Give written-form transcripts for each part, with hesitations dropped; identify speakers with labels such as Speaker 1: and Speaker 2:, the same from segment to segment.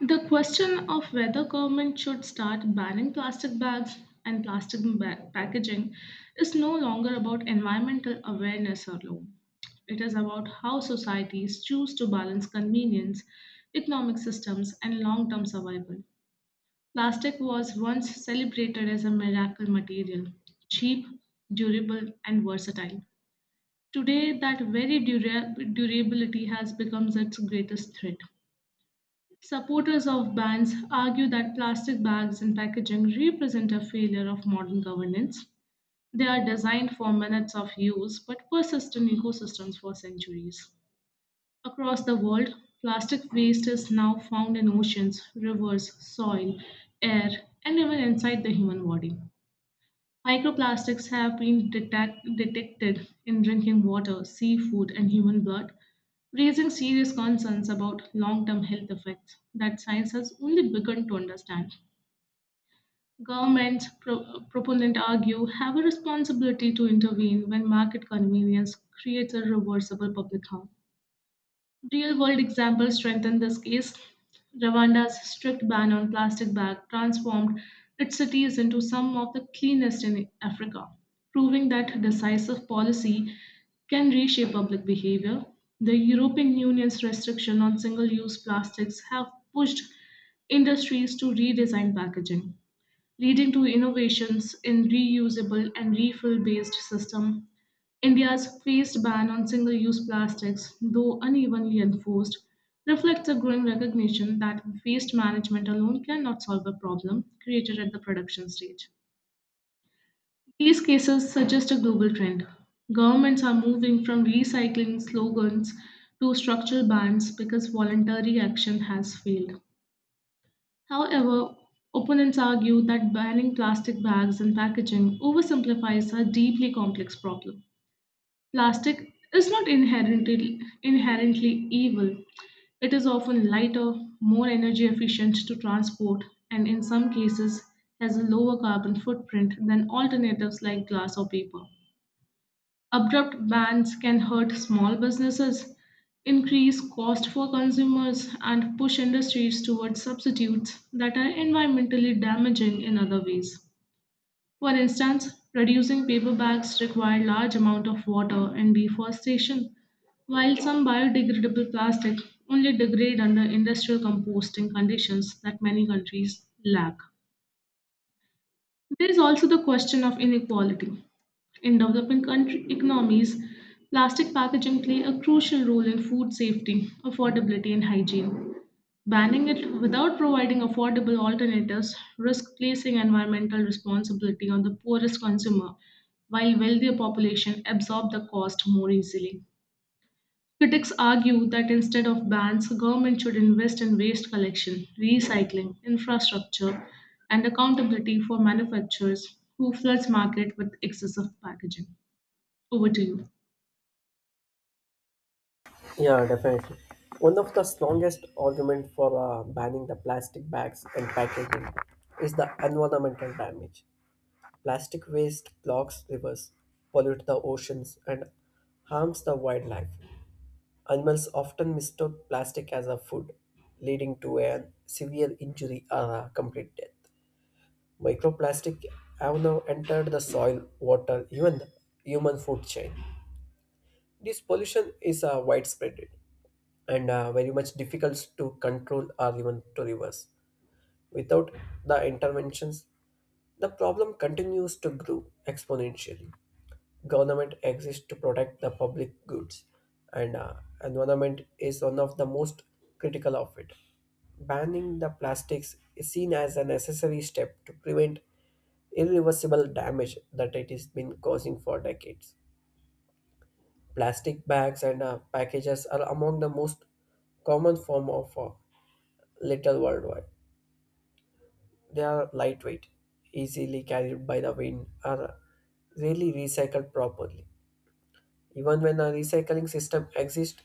Speaker 1: The question of whether government should start banning plastic bags and packaging is no longer about environmental awareness alone. It is about how societies choose to balance convenience, economic systems, and long term survival. Plastic was once celebrated as a miracle material, cheap, durable, and versatile. Today, that very durability has become its greatest threat. Supporters of bans argue that plastic bags and packaging represent a failure of modern governance. They are designed for minutes of use but persist in ecosystems for centuries. Across the world, plastic waste is now found in oceans, rivers, soil, air, and even inside the human body. Microplastics have been detected in drinking water, seafood, and human blood, raising serious concerns about long term health effects that science has only begun to understand. Governments, proponents argue, have a responsibility to intervene when market convenience creates a reversible public harm. Real world examples strengthen this case. Rwanda's strict ban on plastic bags transformed its cities into some of the cleanest in Africa, proving that decisive policy can reshape public behavior. The European Union's restriction on single use plastics have pushed industries to redesign packaging, leading to innovations in reusable and refill based system. India's phased ban on single use plastics, though unevenly enforced, reflects a growing recognition that waste management alone cannot solve a problem created at the production stage. These cases suggest a global trend. Governments are moving from recycling slogans to structural bans because voluntary action has failed. However, opponents argue that banning plastic bags and packaging oversimplifies a deeply complex problem. Plastic is not inherently evil. It is often lighter, more energy efficient to transport, and in some cases has a lower carbon footprint than alternatives like glass or paper. Abrupt bans can hurt small businesses, increase cost for consumers, and push industries towards substitutes that are environmentally damaging in other ways. For instance, producing paper bags require large amount of water and deforestation, while some biodegradable plastic only degrade under industrial composting conditions that many countries lack. There is also the question of inequality. In developing country economies, plastic packaging play a crucial role in food safety, affordability, and hygiene. Banning it without providing affordable alternatives risks placing environmental responsibility on the poorest consumer, while wealthier population absorb the cost more easily. Critics argue that instead of bans, government should invest in waste collection, recycling, infrastructure, and accountability for manufacturers who floods market with excessive packaging. Over to you.
Speaker 2: Yeah, definitely. One of the strongest argument for banning the plastic bags and packaging is the environmental damage. Plastic waste clogs rivers, pollute the oceans, and harms the wildlife. Animals often mistake plastic as a food, leading to a severe injury or a complete death. Microplastic have now entered the soil, water, even the human food chain. This pollution is widespread and very much difficult to control or even to reverse. Without the interventions, the problem continues to grow exponentially. Government exists to protect the public goods, and environment is one of the most critical of it. Banning the plastics is seen as a necessary step to prevent irreversible damage that it has been causing for decades. Plastic bags and packages are among the most common form of little worldwide. They are lightweight, easily carried by the wind, are rarely recycled properly. Even when a recycling system exists,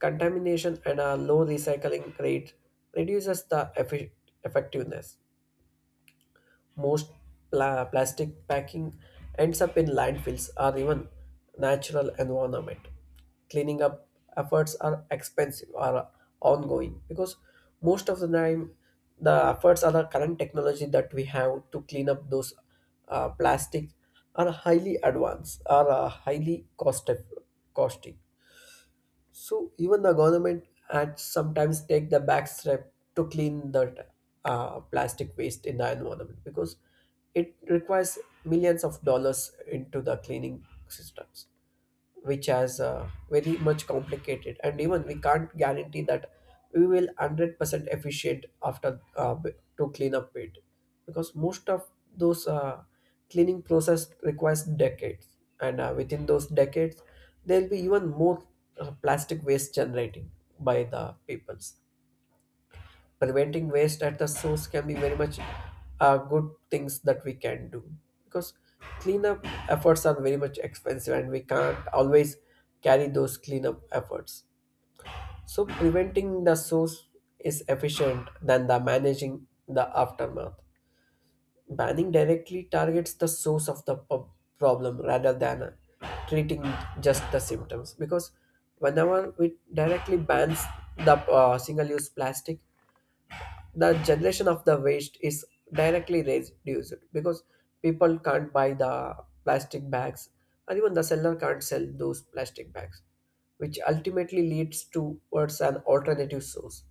Speaker 2: contamination and a low recycling rate reduces the effectiveness. Most plastic packing ends up in landfills or even natural environment. Cleaning up efforts are expensive or ongoing because most of the time the efforts are the current technology that we have to clean up those plastic are highly advanced or highly costly, so even the government had sometimes take the back step to clean the plastic waste in the environment because it requires millions of dollars into the cleaning systems, which has very much complicated and even we can't guarantee that we will 100% efficient after to clean up it because most of those cleaning process requires decades and within those decades there will be even more plastic waste generating by the peoples. Preventing waste at the source can be very much good things that we can do because cleanup efforts are very much expensive and we can't always carry those cleanup efforts, so preventing the source is efficient than the managing the aftermath. Banning directly targets the source of the problem rather than treating just the symptoms because whenever we directly bans the single use plastic, the generation of the waste is directly reduced because people can't buy the plastic bags and even the seller can't sell those plastic bags, which ultimately leads towards an alternative source.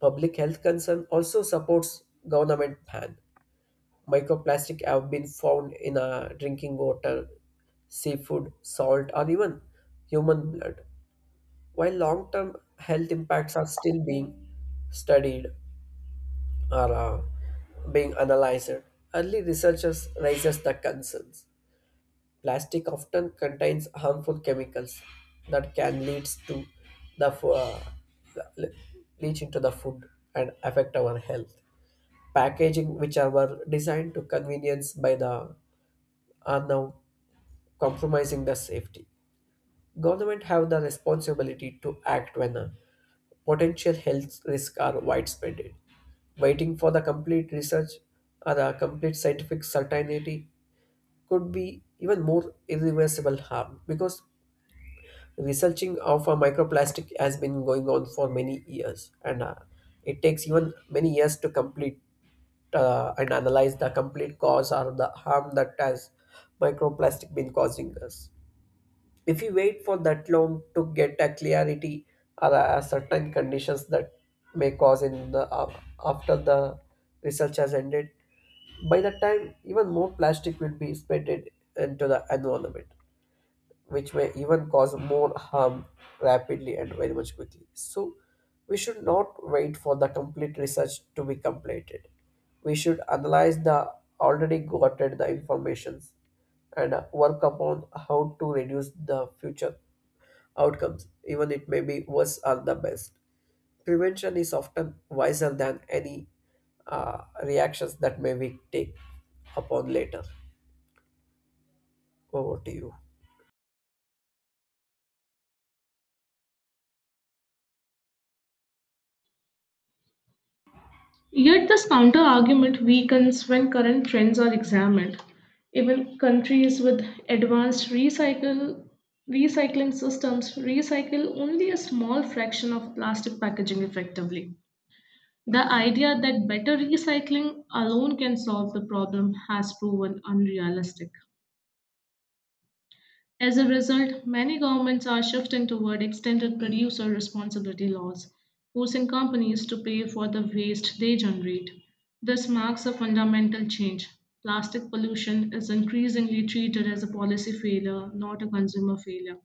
Speaker 2: Public health concern also supports government ban. Microplastic have been found in drinking water, seafood salt, or even human blood. While long-term health impacts are still being studied, are being analyzed, early researchers raises the concerns. Plastic often contains harmful chemicals that can lead to the fo- uh, le- leach into the food and affect our health. Packaging which are were designed to convenience by the are now compromising the safety. Government have the responsibility to act when potential health risks are widespread. Waiting for the complete research or a complete scientific certainty could be even more irreversible harm because researching of a microplastic has been going on for many years and it takes even many years to complete and analyze the complete cause or the harm that has microplastic been causing us. If we wait for that long to get a clarity or a certain conditions that may cause in the after the research has ended, by that time even more plastic will be spreaded into the environment, which may even cause more harm rapidly and very much quickly. So, we should not wait for the complete research to be completed. We should analyze the already gotten the informations and work upon how to reduce the future outcomes, even it may be worse or the best. Prevention is often wiser than any reactions that may we take upon later. Over to you.
Speaker 1: Yet this counter-argument weakens when current trends are examined. Even countries with advanced recycle recycling systems recycle only a small fraction of plastic packaging effectively. The idea that better recycling alone can solve the problem has proven unrealistic. As a result, many governments are shifting toward extended producer responsibility laws, forcing companies to pay for the waste they generate. This marks a fundamental change. Plastic pollution is increasingly treated as a policy failure, not a consumer failure.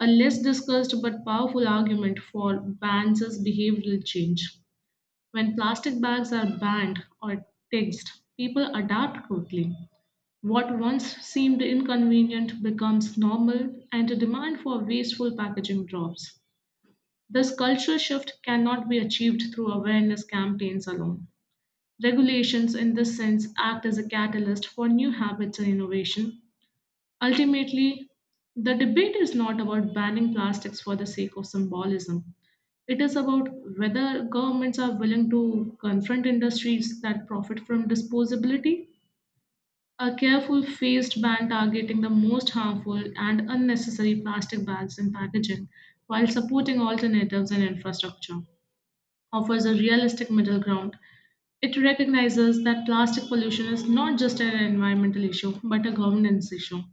Speaker 1: A less discussed but powerful argument for bans is behavioral change. When plastic bags are banned or taxed, people adapt quickly. What once seemed inconvenient becomes normal, and the demand for wasteful packaging drops. This cultural shift cannot be achieved through awareness campaigns alone. Regulations, in this sense, act as a catalyst for new habits and innovation. Ultimately, the debate is not about banning plastics for the sake of symbolism. It is about whether governments are willing to confront industries that profit from disposability. A careful phased ban targeting the most harmful and unnecessary plastic bags and packaging while supporting alternatives and infrastructure offers a realistic middle ground. It recognizes that plastic pollution is not just an environmental issue but a governance issue.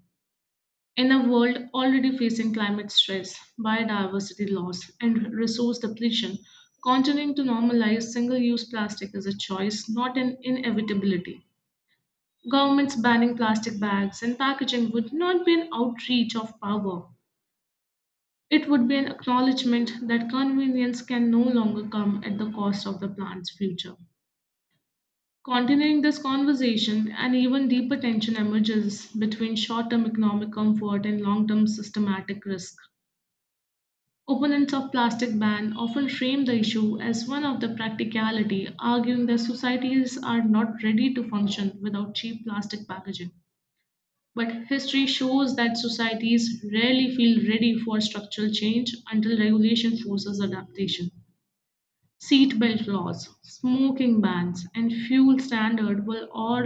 Speaker 1: In a world already facing climate stress, biodiversity loss, and resource depletion, continuing to normalize single use plastic is a choice, not an inevitability. Governments banning plastic bags and packaging would not be an outreach of power. It would be an acknowledgement that convenience can no longer come at the cost of the planet's future. Continuing this conversation, an even deeper tension emerges between short term economic comfort and long term systematic risk. Opponents of plastic ban often frame the issue as one of the practicality, arguing that societies are not ready to function without cheap plastic packaging. But history shows that societies rarely feel ready for structural change until regulation forces adaptation. Seatbelt laws, smoking bans, and fuel standard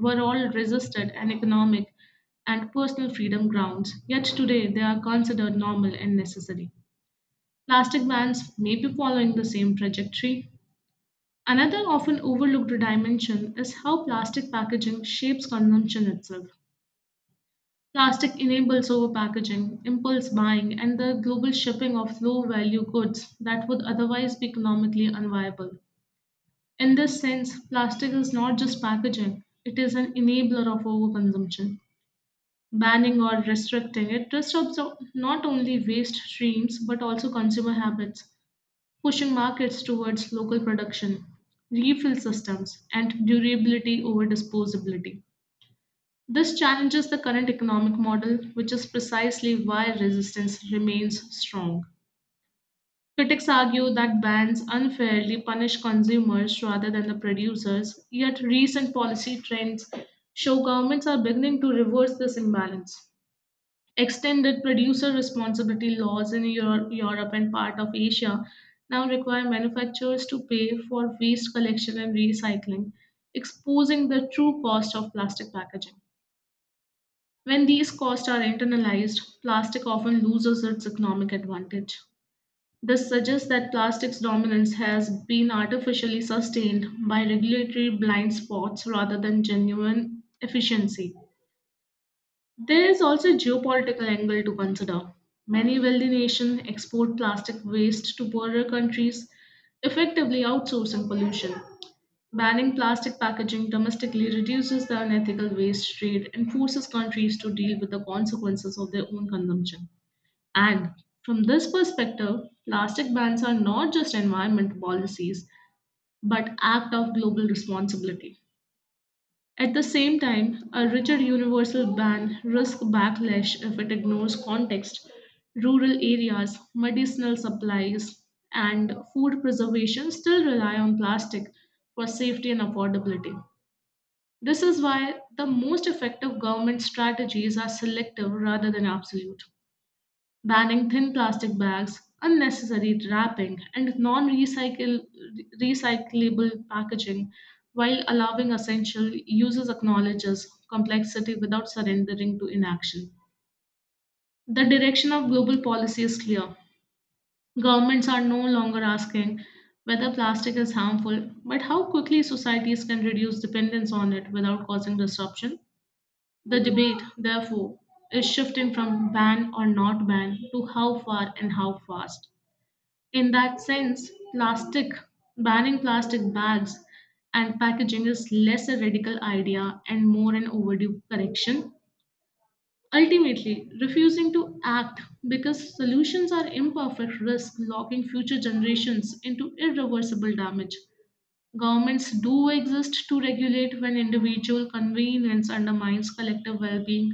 Speaker 1: were all resisted on economic and personal freedom grounds, yet today they are considered normal and necessary. Plastic bans may be following the same trajectory. Another often overlooked dimension is how plastic packaging shapes consumption itself. Plastic enables overpackaging, impulse buying, and the global shipping of low value goods that would otherwise be economically unviable. In this sense, plastic is not just packaging, it is an enabler of overconsumption. Banning or restricting it disrupts not only waste streams but also consumer habits, pushing markets towards local production, refill systems, and durability over disposability. This challenges the current economic model, which is precisely why resistance remains strong. Critics argue that bans unfairly punish consumers rather than the producers, yet, recent policy trends show governments are beginning to reverse this imbalance. Extended producer responsibility laws in Europe and part of Asia now require manufacturers to pay for waste collection and recycling, exposing the true cost of plastic packaging. When these costs are internalized, plastic often loses its economic advantage. This suggests that plastic's dominance has been artificially sustained by regulatory blind spots rather than genuine efficiency. There is also a geopolitical angle to consider. Many wealthy nations export plastic waste to poorer countries, effectively outsourcing pollution. Banning plastic packaging domestically reduces the unethical waste trade and forces countries to deal with the consequences of their own consumption. And from this perspective, plastic bans are not just environment policies, but act of global responsibility. At the same time, a rigid universal ban risks backlash if it ignores context, rural areas, medicinal supplies, and food preservation still rely on plastic for safety and affordability. This is why the most effective government strategies are selective rather than absolute, banning thin plastic bags, unnecessary wrapping, and non recyclable packaging, while allowing essential uses acknowledges complexity without surrendering to inaction. The direction of global policy is clear. Governments are no longer asking whether plastic is harmful, but how quickly societies can reduce dependence on it without causing disruption. The debate, therefore, is shifting from ban or not ban to how far and how fast. In that sense, plastic banning plastic bags and packaging is less a radical idea and more an overdue correction. Ultimately, refusing to act because solutions are imperfect risk locking future generations into irreversible damage. Governments do exist to regulate when individual convenience undermines collective well being.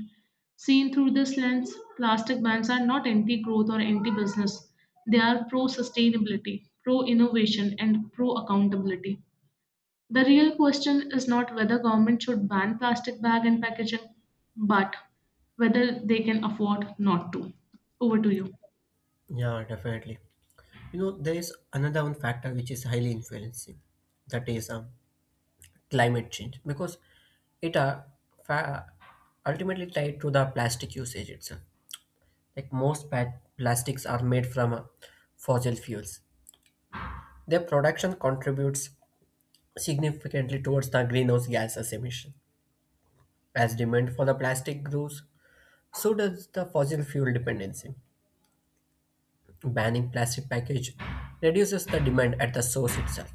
Speaker 1: Seen through this lens, plastic bans are not anti growth or anti business. They are pro sustainability, pro innovation, and pro accountability. The real question is not whether government should ban plastic bag and packaging, but whether they can afford not to. Over to
Speaker 2: Yeah, definitely. You know, there is another one factor which is highly influencing, that is climate change, because it are fa- ultimately tied to the plastic usage itself. Like most plastics are made from fossil fuels. Their production contributes significantly towards the greenhouse gases emission. As demand for the plastic grows, so does the fossil fuel dependency. Banning plastic package reduces the demand at the source itself.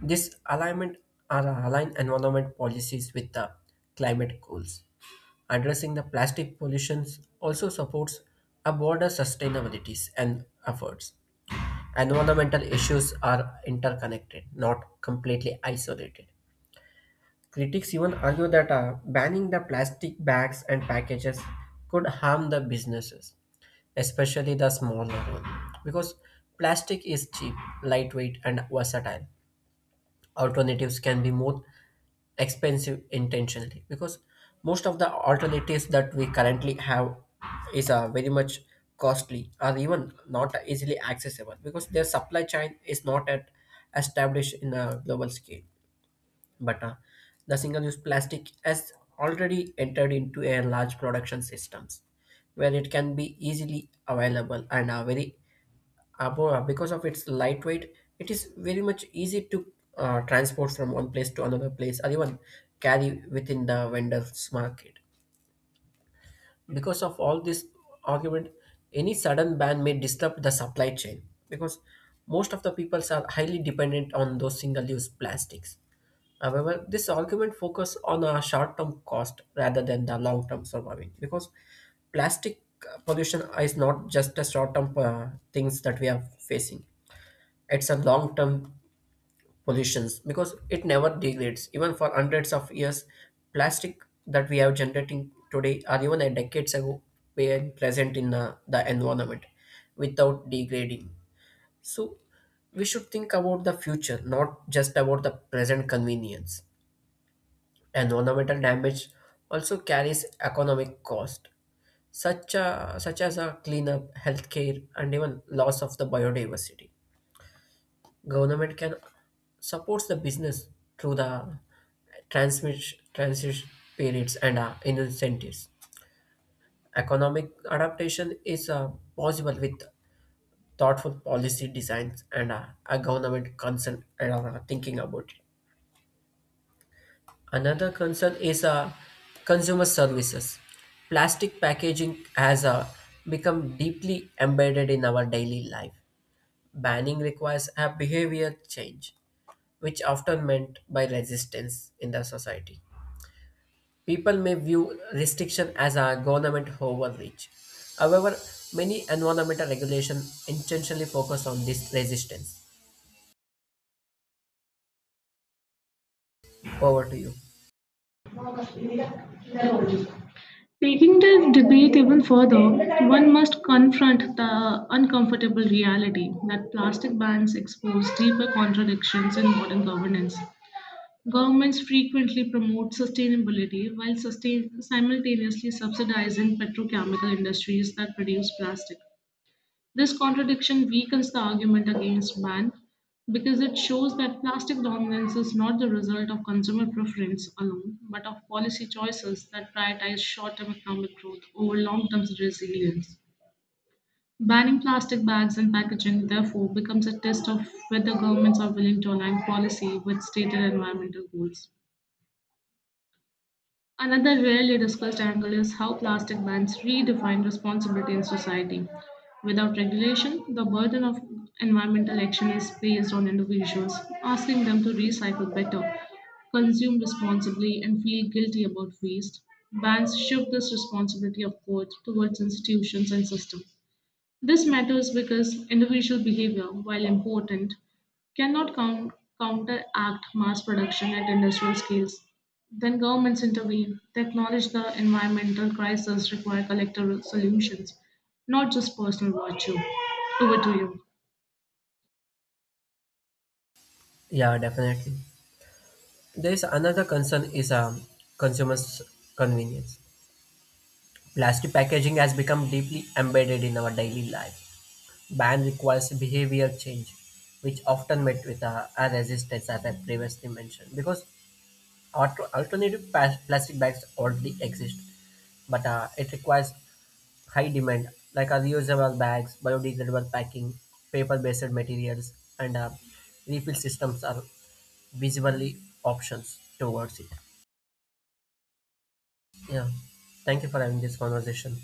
Speaker 2: This alignment are align environment policies with the climate goals. Addressing the plastic pollution also supports a broader sustainabilities and efforts. Environmental issues are interconnected, not completely isolated. Critics even argue that banning the plastic bags and packages could harm the businesses, especially the smaller one, because plastic is cheap, lightweight, and versatile. Alternatives can be more expensive intentionally because most of the alternatives that we currently have is very much costly or even not easily accessible because their supply chain is not at established in a global scale, but the single-use plastic has already entered into a large production systems where it can be easily available and very above because of its lightweight, it is very much easy to transport from one place to another place or even carry within the vendor's market. Because of all this argument, any sudden ban may disrupt the supply chain because most of the peoples are highly dependent on those single-use plastics. However, this argument focuses on a short-term cost rather than the long-term surviving because plastic pollution is not just a short-term things that we are facing. It's a long-term pollutions because it never degrades. Even for hundreds of years, plastic that we are generating today or even a decades ago were present in the environment without degrading. So we should think about the future, not just about the present convenience. Environmental damage also carries economic cost, such as a cleanup, healthcare, and even loss of the biodiversity. Government can support the business through the transmit, transition periods and incentives. Economic adaptation is possible with thoughtful policy designs and a government concern and thinking about it. Another concern is consumer services. Plastic packaging has become deeply embedded in our daily life. Banning requires a behavior change, which often meant by resistance in the society. People may view restriction as a government overreach. However, many environmental regulation intentionally focus on this resistance. Over to you.
Speaker 1: you. Taking the debate even further, one must confront the uncomfortable reality that plastic bans expose deeper contradictions in modern governance. Governments frequently promote sustainability while simultaneously subsidizing petrochemical industries that produce plastic. This contradiction weakens the argument against ban because it shows that plastic dominance is not the result of consumer preference alone, but of policy choices that prioritize short term economic growth over long term resilience. Banning plastic bags and packaging, therefore, becomes a test of whether governments are willing to align policy with stated environmental goals. Another rarely discussed angle is how plastic bans redefine responsibility in society. Without regulation, the burden of environmental action is placed on individuals, asking them to recycle better, consume responsibly, and feel guilty about waste. Bans shift this responsibility of course towards institutions and systems. This matters because individual behavior, while important, cannot counteract mass production at industrial scales. Then governments intervene. They acknowledge the environmental crisis require collective solutions, not just personal virtue. Over to you.
Speaker 2: Yeah, definitely. There is another concern is consumers' convenience. Plastic packaging has become deeply embedded in our daily life. Ban requires behavior change, which often met with a resistance, as I previously mentioned, because alternative plastic bags already exist, but it requires high demand, like our reusable bags, biodegradable packing, paper-based materials, and refill systems are visibly options towards it. Yeah. Thank you for having this conversation.